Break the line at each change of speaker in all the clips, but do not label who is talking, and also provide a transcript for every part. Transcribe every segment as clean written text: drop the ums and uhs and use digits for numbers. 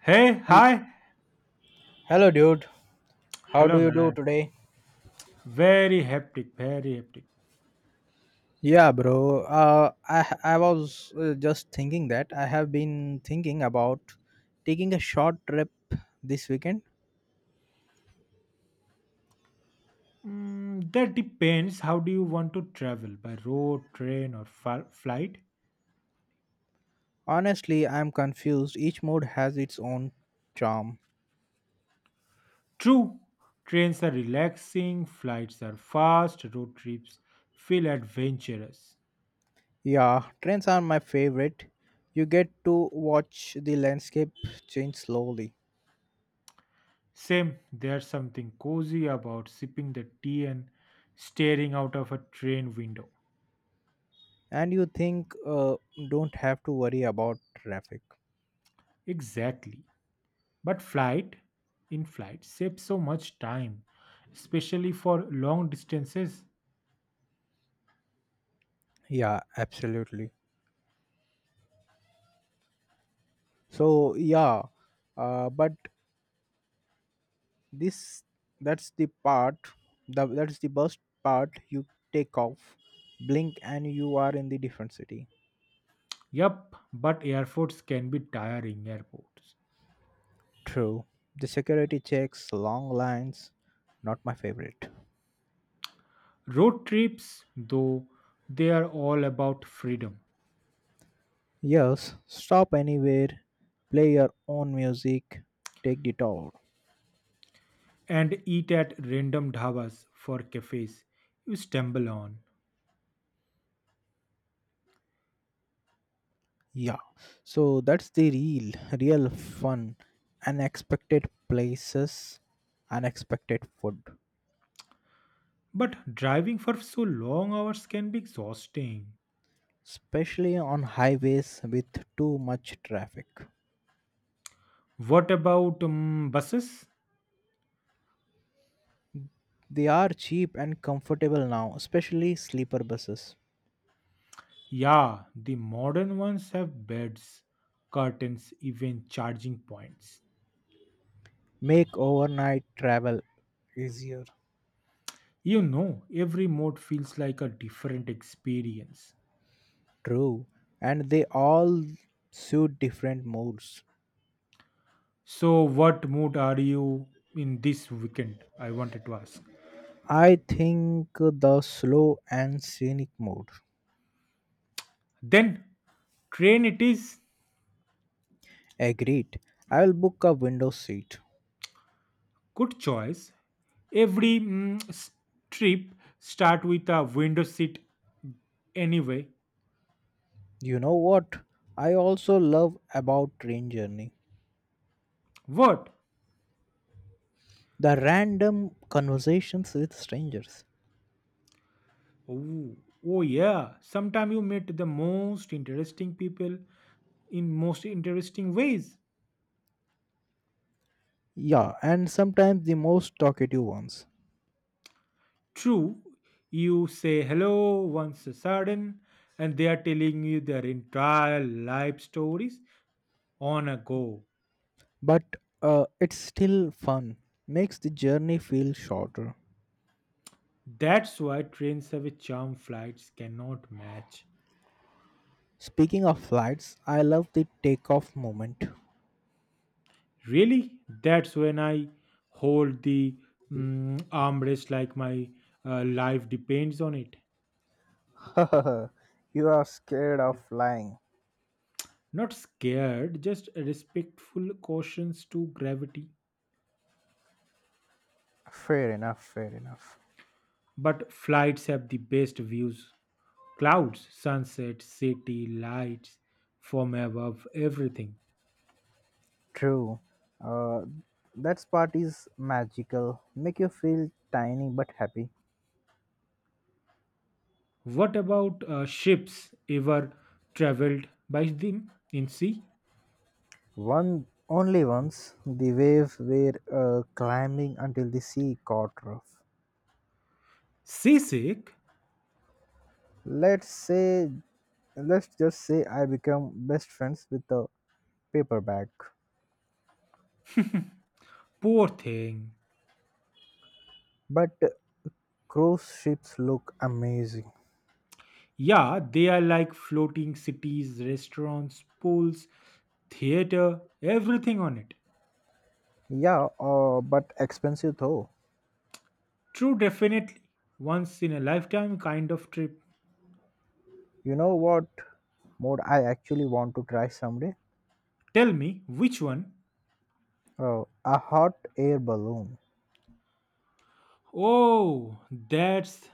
Hey,
Hel-
hi.
Hello, dude. How do
Hello,
you do
man.
today?
Very hectic, very hectic.
Yeah, bro. Uh, I I was just thinking that I have been thinking about taking a short trip this weekend.
That depends. How do you want to travel? By road, train, or flight?
Honestly, I'm confused. Each mode has its own charm.
True. Trains are relaxing, flights are fast, road trips feel adventurous.
Yeah, trains are my favorite. You get to watch the landscape change slowly,
Same, there's something cozy about sipping the tea and staring out of a train window.
and you think don't have to worry about traffic.
Exactly. But flight, in flight, saves so much time, especially for long distances.
Yeah, absolutely. So yeah, but this that's the part that's the best part. You take off, blink and you are in the different city.
Yup, but airports can be tiring airports.
True, the security checks, long lines, not my favorite.
Road trips, though, they are all about freedom.
Yes, stop anywhere, play your own music, take the tour.
And eat at random dhabas for cafes you stumble on.
Yeah, so that's the real fun, unexpected places, unexpected food.
But driving for so long hours can be exhausting.
Especially on highways with too much traffic.
What about buses?
They are cheap and comfortable now, especially sleeper buses.
Yeah, the modern ones have beds, curtains, even charging points.
Make overnight travel easier.
You know, every mode feels like a different experience.
True, and they all suit different moods.
So, what mood are you in this weekend? I wanted to ask.
I think the slow and scenic mode.
Then, train it is.
Agreed. I will book a window seat.
Good choice. Every trip start with a window seat anyway.
You know what? I also love about train journey.
What?
The random conversations with strangers.
Oh, oh yeah. Sometimes you meet the most interesting people in most interesting ways.
Yeah, and sometimes the most talkative ones.
True, you say hello once a sudden, and they are telling you their entire life stories on a go.
But it's still fun. Makes the journey feel shorter.
That's why trains have a charm flights cannot match.
Speaking of flights, I love the takeoff moment.
Really? That's when I hold the armrest like my life depends on it.
You are scared of flying.
Not scared, just respectful cautions to gravity.
Fair enough, fair enough.
But flights have the best views, clouds, sunset, city, lights from above, everything.
True. Uh, that part is magical. Make you feel tiny but happy.
What about ships ever traveled by them in sea?
One only Once the waves were climbing until the sea caught rough.
Seasick?
Let's say, let's just say I become best friends with a paperback.
Poor thing.
But cruise ships look amazing.
Yeah, they are like floating cities, restaurants, pools, theater, everything on it.
Yeah, but expensive though.
True, definitely. Once in a lifetime kind of trip.
You know what mode I actually want to try someday?
Tell me, which one?
Oh, a hot air balloon.
Oh, that's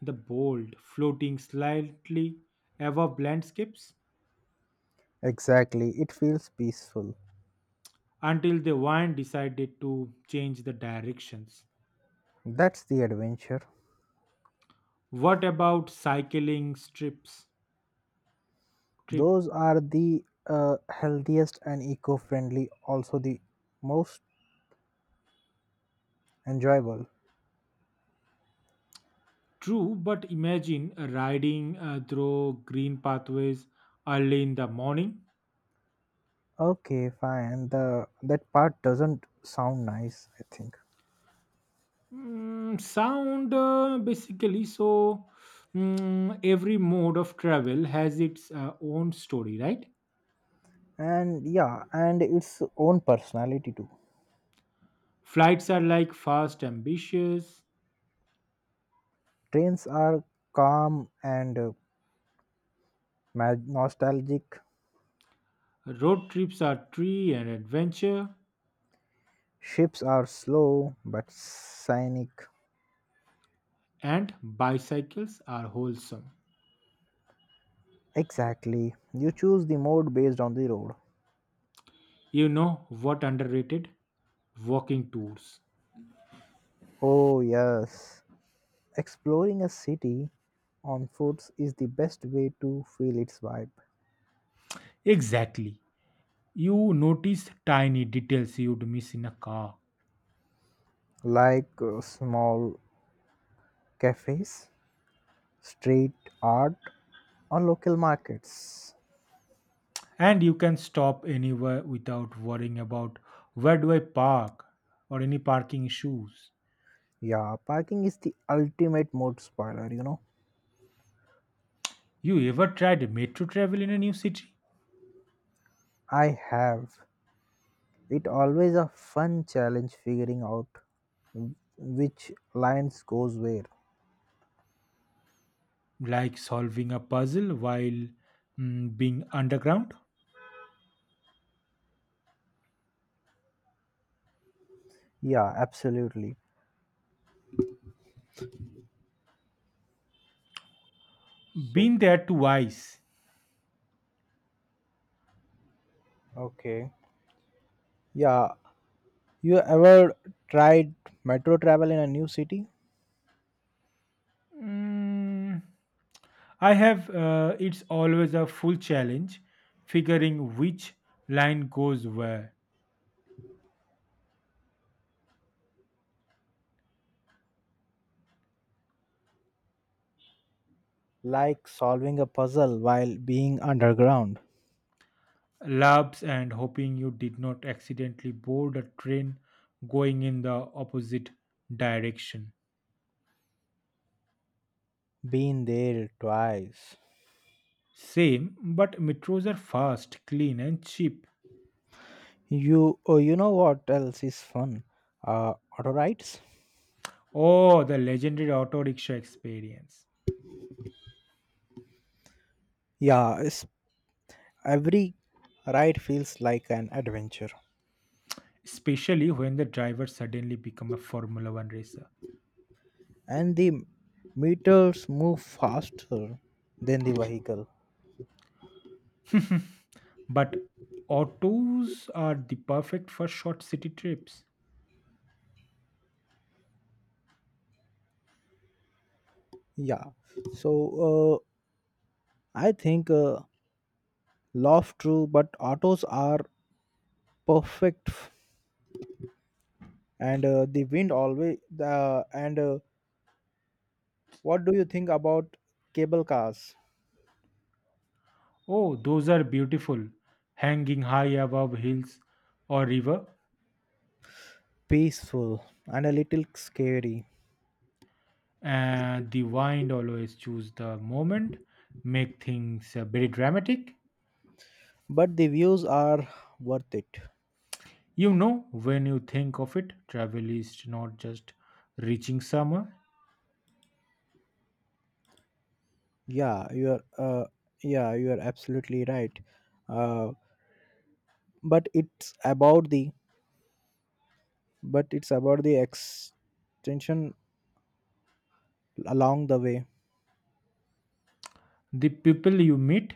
the bold, floating slightly above landscapes
Exactly, it feels peaceful.
until the wind decided to change the directions.
That's the adventure.
What about cycling strips? Trip.
Those are the healthiest and eco friendly, also the most enjoyable.
True, but imagine riding through green pathways early in the morning.
Okay, fine. The That part doesn't sound nice, I think.
Sound basically, so every mode of travel has its own story, right?
And yeah, and its own personality too.
Flights are like fast, ambitious,
Trains are calm and nostalgic.
road trips are tree and adventure,
Ships are slow but scenic.
and bicycles are wholesome.
Exactly. You choose the mode based on the road.
You know what underrated? Walking tours.
Oh, yes. Exploring a city on foot is the best way to feel its vibe.
Exactly. You notice tiny details you'd miss in a car,
Like small cafes, street art, or local markets.
and you can stop anywhere without worrying about where do I park or any parking issues.
Yeah, parking is the ultimate mood spoiler, you know.
You ever tried metro travel in a new city?
I have. It always a fun challenge figuring out which lines goes where.
Like solving a puzzle while being underground?
Yeah, absolutely. So,
Been there twice.
okay. Yeah, you ever tried metro travel in a new city?
Mm, I have, it's always a full challenge figuring which line goes where.
Like solving a puzzle while being underground.
Labs and hoping you did not accidentally board a train going in the opposite direction.
Been there twice.
Same, but metros are fast, clean, and cheap.
You know what else is fun? Auto rides.
Oh, the legendary auto rickshaw experience.
Yeah, it's, every ride feels like an adventure,
Especially when the driver suddenly become a Formula One racer.
and the meters move faster than the vehicle.
But autos are the perfect for short city trips.
Yeah, so I think love true, but autos are perfect, f- and the wind always. And what do you think about cable cars?
Oh, those are beautiful, hanging high above hills or river.
Peaceful and a little scary,
And the wind always choose the moment make things very dramatic.
but the views are worth it.
You know when you think of it, travel is not just reaching somewhere,
Yeah, you're absolutely right. uh, but it's about the but it's about the extension along the way.
the people you meet,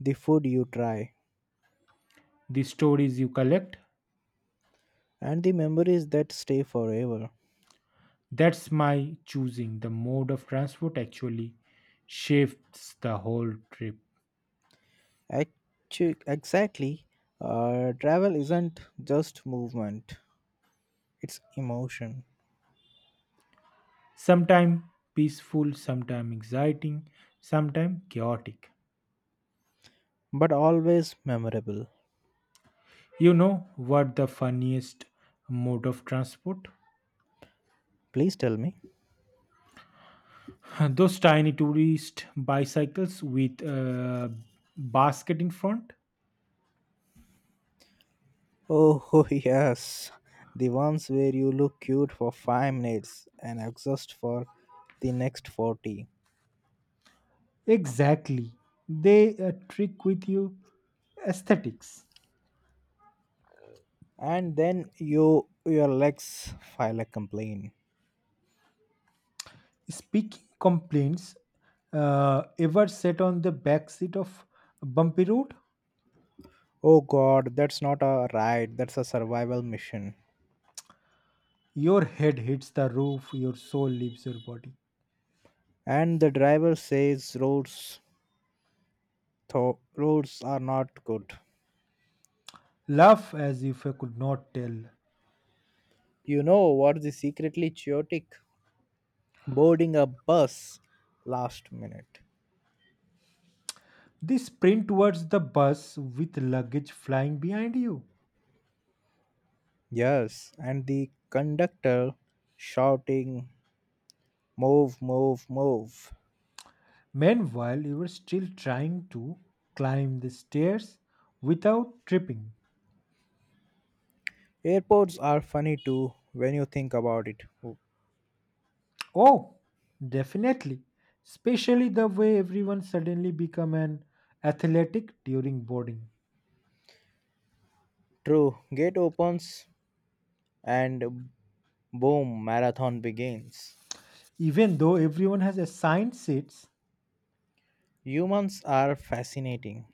The food you try,
the stories you collect,
and the memories that stay forever.
that's my choosing the mode of transport actually shifts the whole trip.
Exactly. Travel isn't just movement, it's emotion,
Sometimes peaceful, sometimes exciting, sometimes chaotic.
but always memorable.
You know what the funniest mode of transport.
Please tell me.
Those tiny tourist bicycles with a basket in front.
Oh, yes. The ones where you look cute for 5 minutes and exhaust for the next 40.
Exactly. They trick with you aesthetics.
And then you your legs file a complaint.
Speaking complaints, ever sat on the back seat of a bumpy road?
Oh god, that's not a ride, that's a survival mission.
Your head hits the roof, your soul leaves your body.
And the driver says roads are not good.
Laugh as if I could not tell.
You know what's the secretly chaotic? Boarding a bus last minute.
They sprint towards the bus with luggage flying behind you.
Yes, and the conductor shouting, "Move, move, move."
Meanwhile, you were still trying to climb the stairs without tripping.
Airports are funny too when you think about it.
Oh, definitely. Especially the way everyone suddenly become an athletic during boarding.
True, gate opens and boom, marathon begins.
Even though everyone has assigned seats,
Humans are fascinating.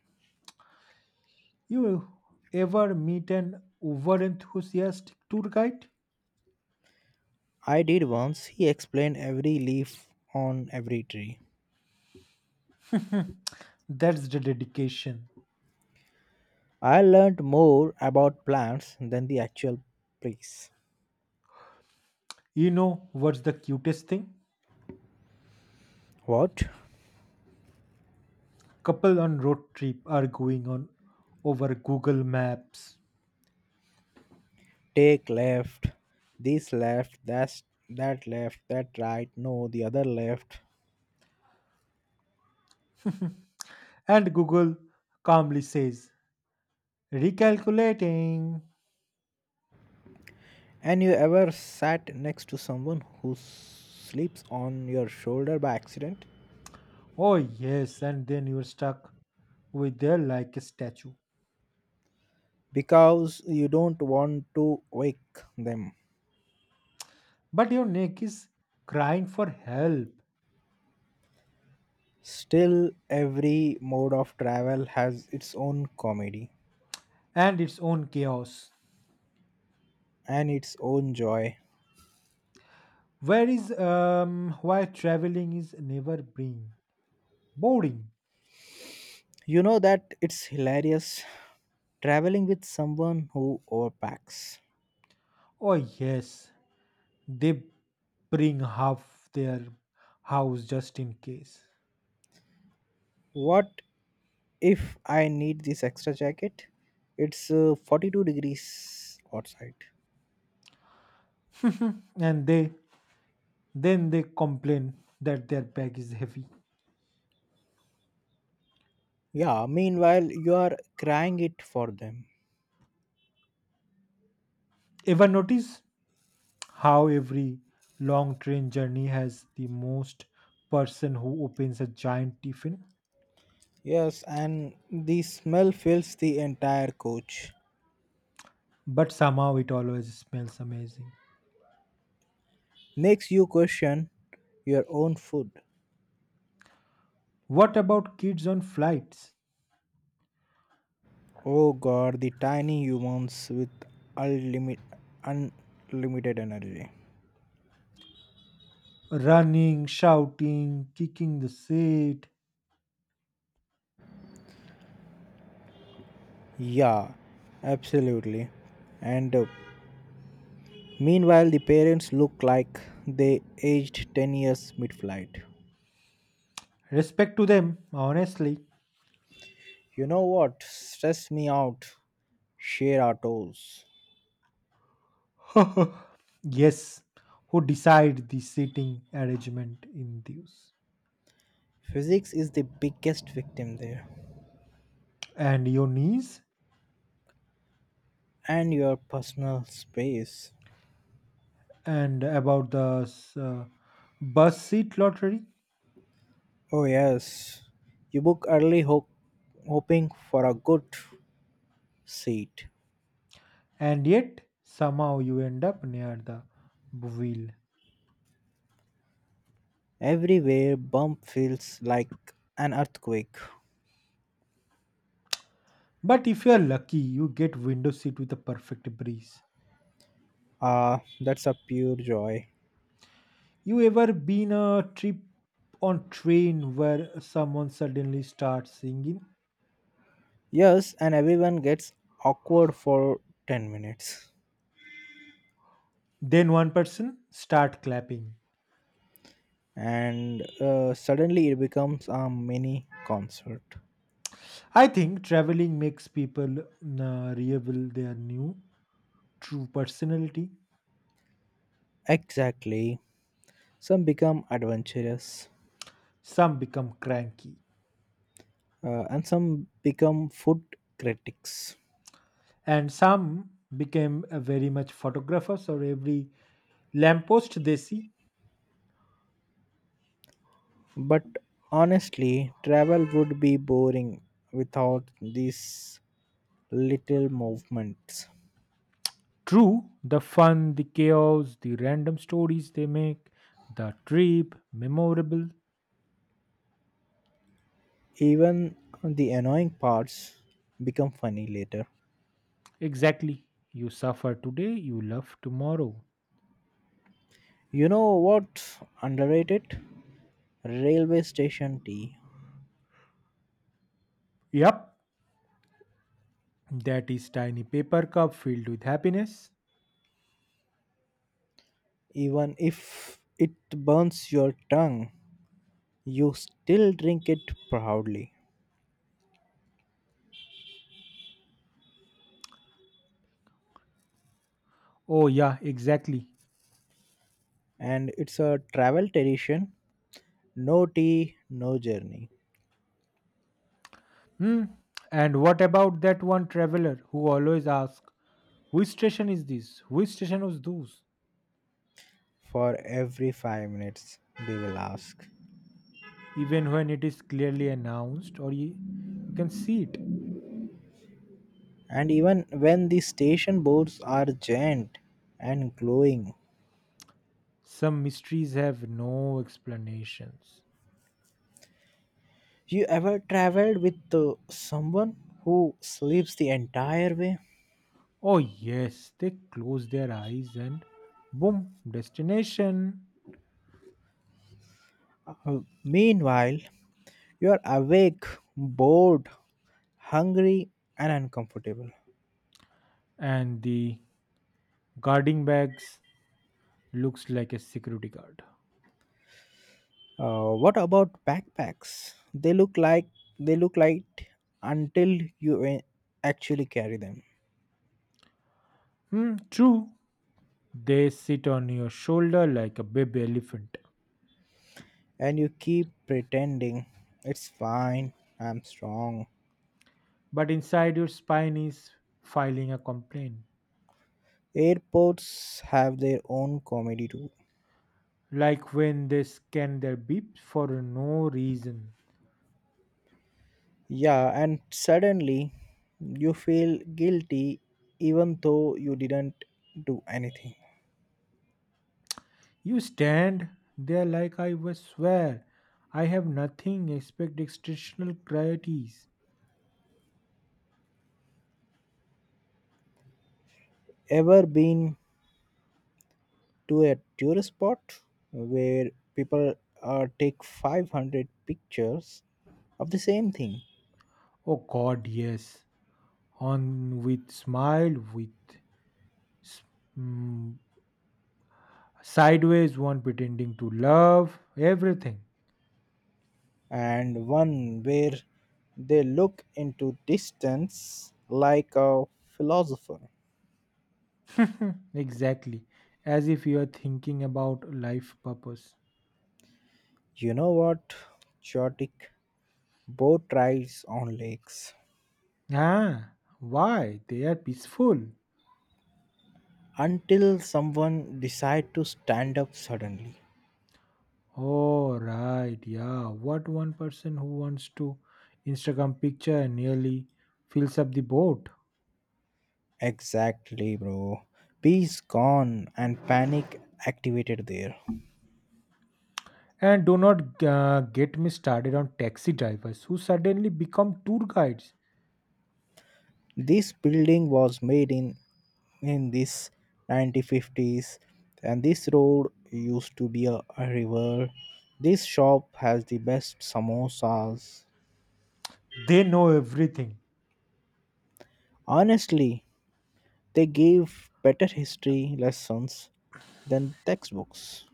you ever meet an overenthusiastic tour guide?
I did once, he explained every leaf on every tree.
That's the dedication.
I learned more about plants than the actual place.
You know what's the cutest thing?
What?
Couple on road trip are going on over Google Maps.
Take left, this left, that's that left, that right, no, the other left.
And Google calmly says, recalculating.
And you ever sat next to someone who sleeps on your shoulder by accident
Oh, yes, and then you're stuck with there like a statue.
because you don't want to wake them?
But your neck is crying for help
Still, every mode of travel has its own comedy
and its own chaos.
and its own joy.
Where is why traveling is never bring boring.
You know that it's hilarious traveling with someone who overpacks.
Oh yes, they bring half their house just in case.
What if I need this extra jacket? It's 42 degrees outside.
And they then they complain that their bag is heavy.
Yeah, meanwhile, you are crying it for them.
Ever notice how every long train journey has the most person who opens a giant tiffin,
Yes, and the smell fills the entire coach,
but somehow it always smells amazing.
makes you question your own food.
What about kids on flights?
Oh god, the tiny humans with unlimit, unlimited energy.
Running, shouting, kicking the seat.
Yeah, absolutely. And meanwhile, the parents look like they aged 10 years mid flight.
Respect to them, honestly.
You know what? Stress me out. Share our toes.
Yes, who decide the seating arrangement in these.
Physics is the biggest victim there.
And your knees?
And your personal space.
And about the uh, bus seat lottery?
Oh, yes. You book early, hoping for a good seat.
And yet somehow you end up near the wheel.
Everywhere, bump feels like an earthquake.
But if you are lucky, you get window seat with a perfect breeze.
Ah, that's a pure joy.
You ever been a trip on train where someone suddenly starts singing,
Yes, and everyone gets awkward for 10 minutes.
then one person start clapping?
And suddenly it becomes a mini concert.
I think traveling makes people reveal their new true personality.
Exactly. Some become adventurous,
Some become cranky,
and some become food critics.
and some became very much photographers or every lamppost they see.
But honestly, travel would be boring without these little movements.
True, the fun, the chaos, the random stories they make, the trip, memorable.
Even the annoying parts become funny later.
Exactly. You suffer today, you love tomorrow.
You know what's underrated? Railway station tea.
Yep, that is tiny paper cup filled with happiness.
Even if it burns your tongue, you still drink it proudly.
Oh, yeah, exactly.
And it's a travel tradition, no tea, no journey.
Hmm. And what about that one traveler who always asks, which station is this? Which station was those?
For every 5 minutes they will ask.
Even when it is clearly announced you can see it.
And even when the station boards are giant and glowing.
Some mysteries have no explanations.
You ever traveled with someone who sleeps the entire way?
Oh, yes, they close their eyes and boom, destination.
Uh, Meanwhile, you are awake, bored, hungry and uncomfortable.
And the guarding bags looks like a security guard.
What about backpacks? they look like they look light until you actually carry them.
Hmm, true. They sit on your shoulder like a baby elephant,
And you keep pretending it's fine, I'm strong.
but inside your spine is filing a complaint.
Airports have their own comedy too.
Like when they scan their beeps for no reason.
Yeah, and suddenly you feel guilty even though you didn't do anything.
You stand there like I was swear. I have nothing except extrinsic qualities.
Ever been to a tourist spot where people take 500 pictures of the same thing
Oh God, yes. On with smile, with s- mm, sideways one pretending to love, everything.
and one where they look into distance like a philosopher?
Exactly. As if you are thinking about life purpose.
You know what? Chaotic boat rides on lakes
Ah, why? They are peaceful.
until someone decide to stand up suddenly.
Oh, right. Yeah. What one person who wants to Instagram picture nearly fills up the boat.
Exactly, bro. Peace gone and panic activated there.
And do not get me started on taxi drivers who suddenly become tour guides.
This building was made in this 1950s and this road used to be a river. This shop has the best samosas.
They know everything.
Honestly, they gave better history lessons than textbooks.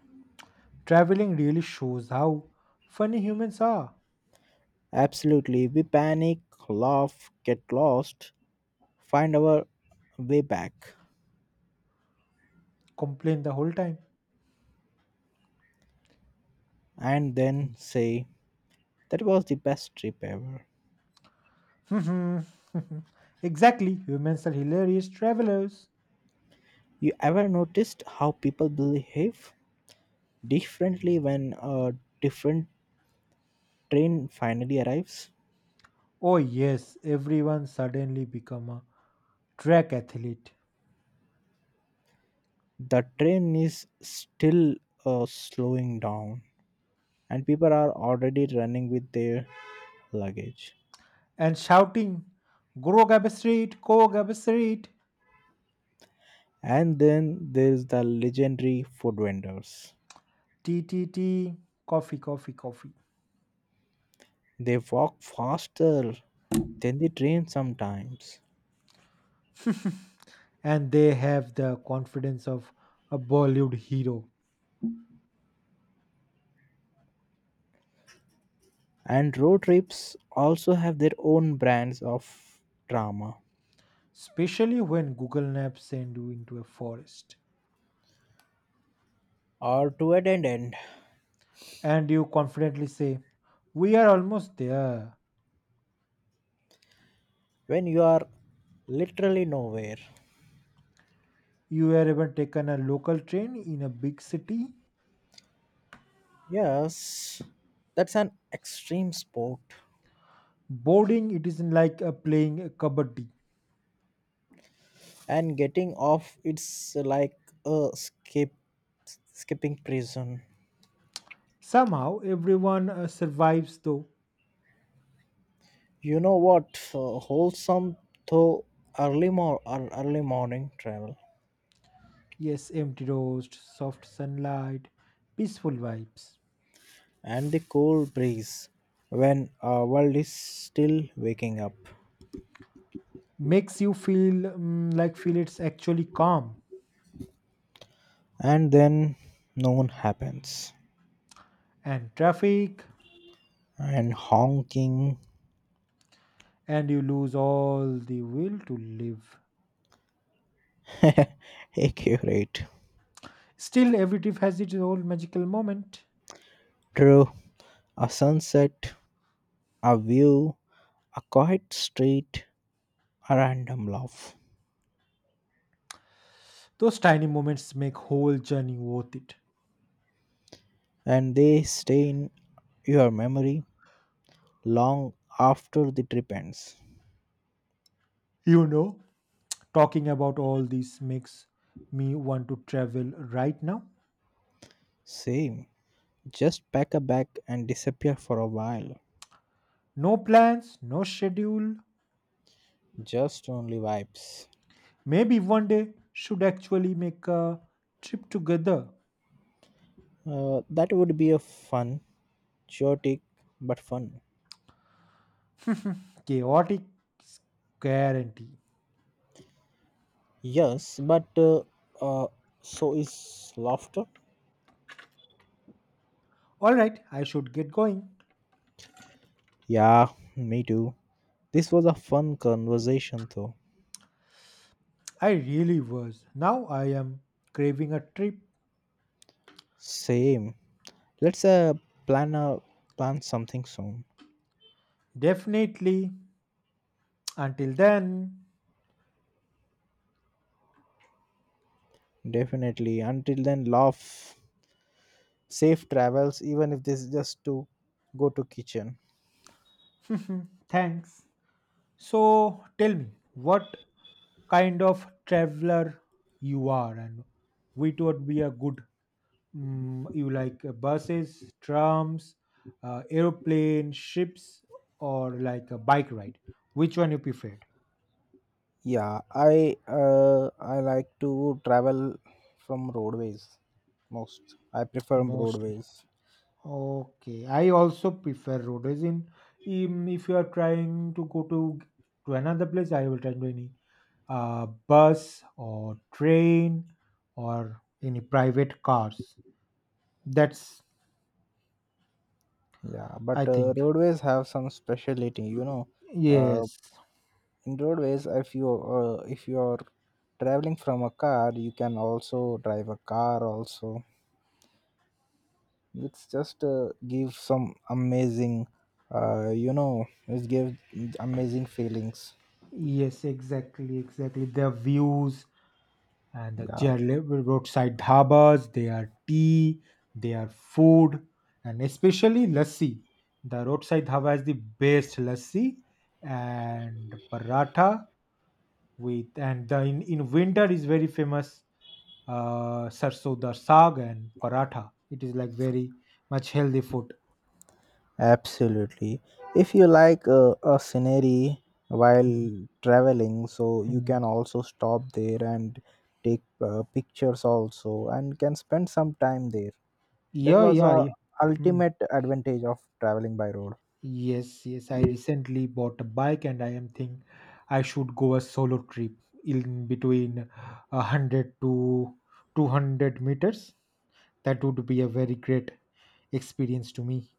Traveling really shows how funny humans are.
Absolutely, we panic, laugh, get lost, find our way back,
Complain the whole time.
and then say, "That was the best trip ever."
Exactly, humans are hilarious travelers.
You ever noticed how people behave differently when a different train finally arrives?
Oh yes, everyone suddenly become a track athlete
The train is still slowing down, and people are already running with their luggage.
and shouting, go Gabba Street,
And then there's the legendary food vendors.
TTT, coffee, coffee, coffee."
They walk faster than the train sometimes.
And they have the confidence of a Bollywood hero,
And road trips also have their own brands of drama.
especially when Google Maps send you into a forest.
Or to a dead end,
And you confidently say, we are almost there.
when you are literally nowhere.
You have even taken a local train in a big city.
Yes, that's an extreme sport.
Boarding it isn't like playing a kabaddi.
And getting off, it's like a skip, skipping prison.
Somehow everyone survives though.
You know what? Wholesome though, early morning travel
Yes, empty roast, soft sunlight, peaceful vibes.
and the cool breeze when our world is still waking up.
Makes you feel feel it's actually calm
And then noon happens,
and traffic
and honking.
and you lose all the will to live.
Accurate.
Still every trip has its own magical moment.
True, a sunset, a view, a quiet street, a random laugh,
Those tiny moments make whole journey worth it.
and they stay in your memory long after the trip ends.
You know, talking about all this makes me want to travel right now.
Same. Just pack a bag and disappear for a while.
No plans, no schedule.
Just only vibes.
Maybe one day should actually make a trip together.
That would be a fun, chaotic, but fun.
Chaotic guarantee.
Yes, but uh, so is laughter.
All right, I should get going.
Yeah, me too. This was a fun conversation, though.
I really was. Now I am craving a trip.
Same. Let's plan a plan something soon.
Definitely. Until then,
Definitely. Until then, laugh. Safe travels, even if this is just to go to kitchen.
thanks. So tell me, what kind of traveler you are, and which would be a good you like buses, trams, airplane, ships, or like a bike ride? Which one you preferred
Yeah, I like to travel from roadways most. I prefer
mostly?
roadways.
Okay, I also prefer road as in if you are trying to go to another place, I will try to any bus or train or any private cars. That's,
Yeah,
I
but
think,
roadways have some speciality, you know. Uh,
yes,
in roadways, if you are traveling from a car, you can also drive a car. Also, it's just give some amazing, it gives amazing feelings.
yes, exactly, exactly. Their views and the
Yeah.
Roadside dhabas, their tea, their food, and especially lassi. The roadside dhaba is the best lassi and paratha with and the in winter is very famous sarso da saag and paratha. It is like very much healthy food.
Absolutely. If you like a scenery
Mm,
while traveling, so you
mm.
can also stop there and take pictures also and can spend some time there. That
Yeah,
was
yeah,
a
yeah. Hmm.
ultimate advantage of traveling by road.
Yes, yes. I recently bought a bike and I am think I should go a solo trip in between a 100 to 200 meters. That would be a very great experience to me.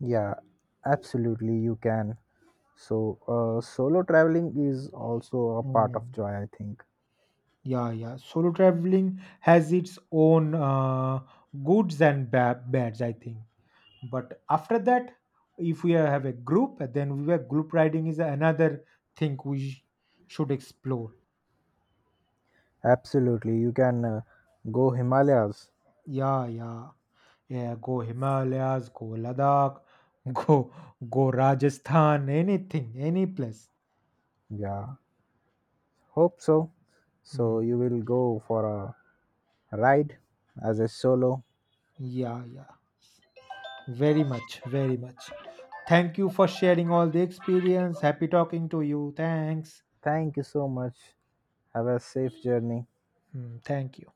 Yeah, absolutely you can. So solo traveling is also a part of
Mm,
joy, I think.
Yeah, yeah. Solo traveling has its own goods and bads, I think. But after that, if we have a group, then we were group riding is another thing should explore.
Absolutely, you can go Himalayas.
Yeah, yeah. Yeah, go Himalayas, go Ladakh, go go Rajasthan, anything, any place.
Yeah, hope so. So
Hmm.
you will go for a ride as a solo.
Yeah, yeah. Very much, very much. Thank you for sharing all the experience. Happy talking to you. Thanks.
Thank you so much. Have a safe journey.
Hmm, Thank you.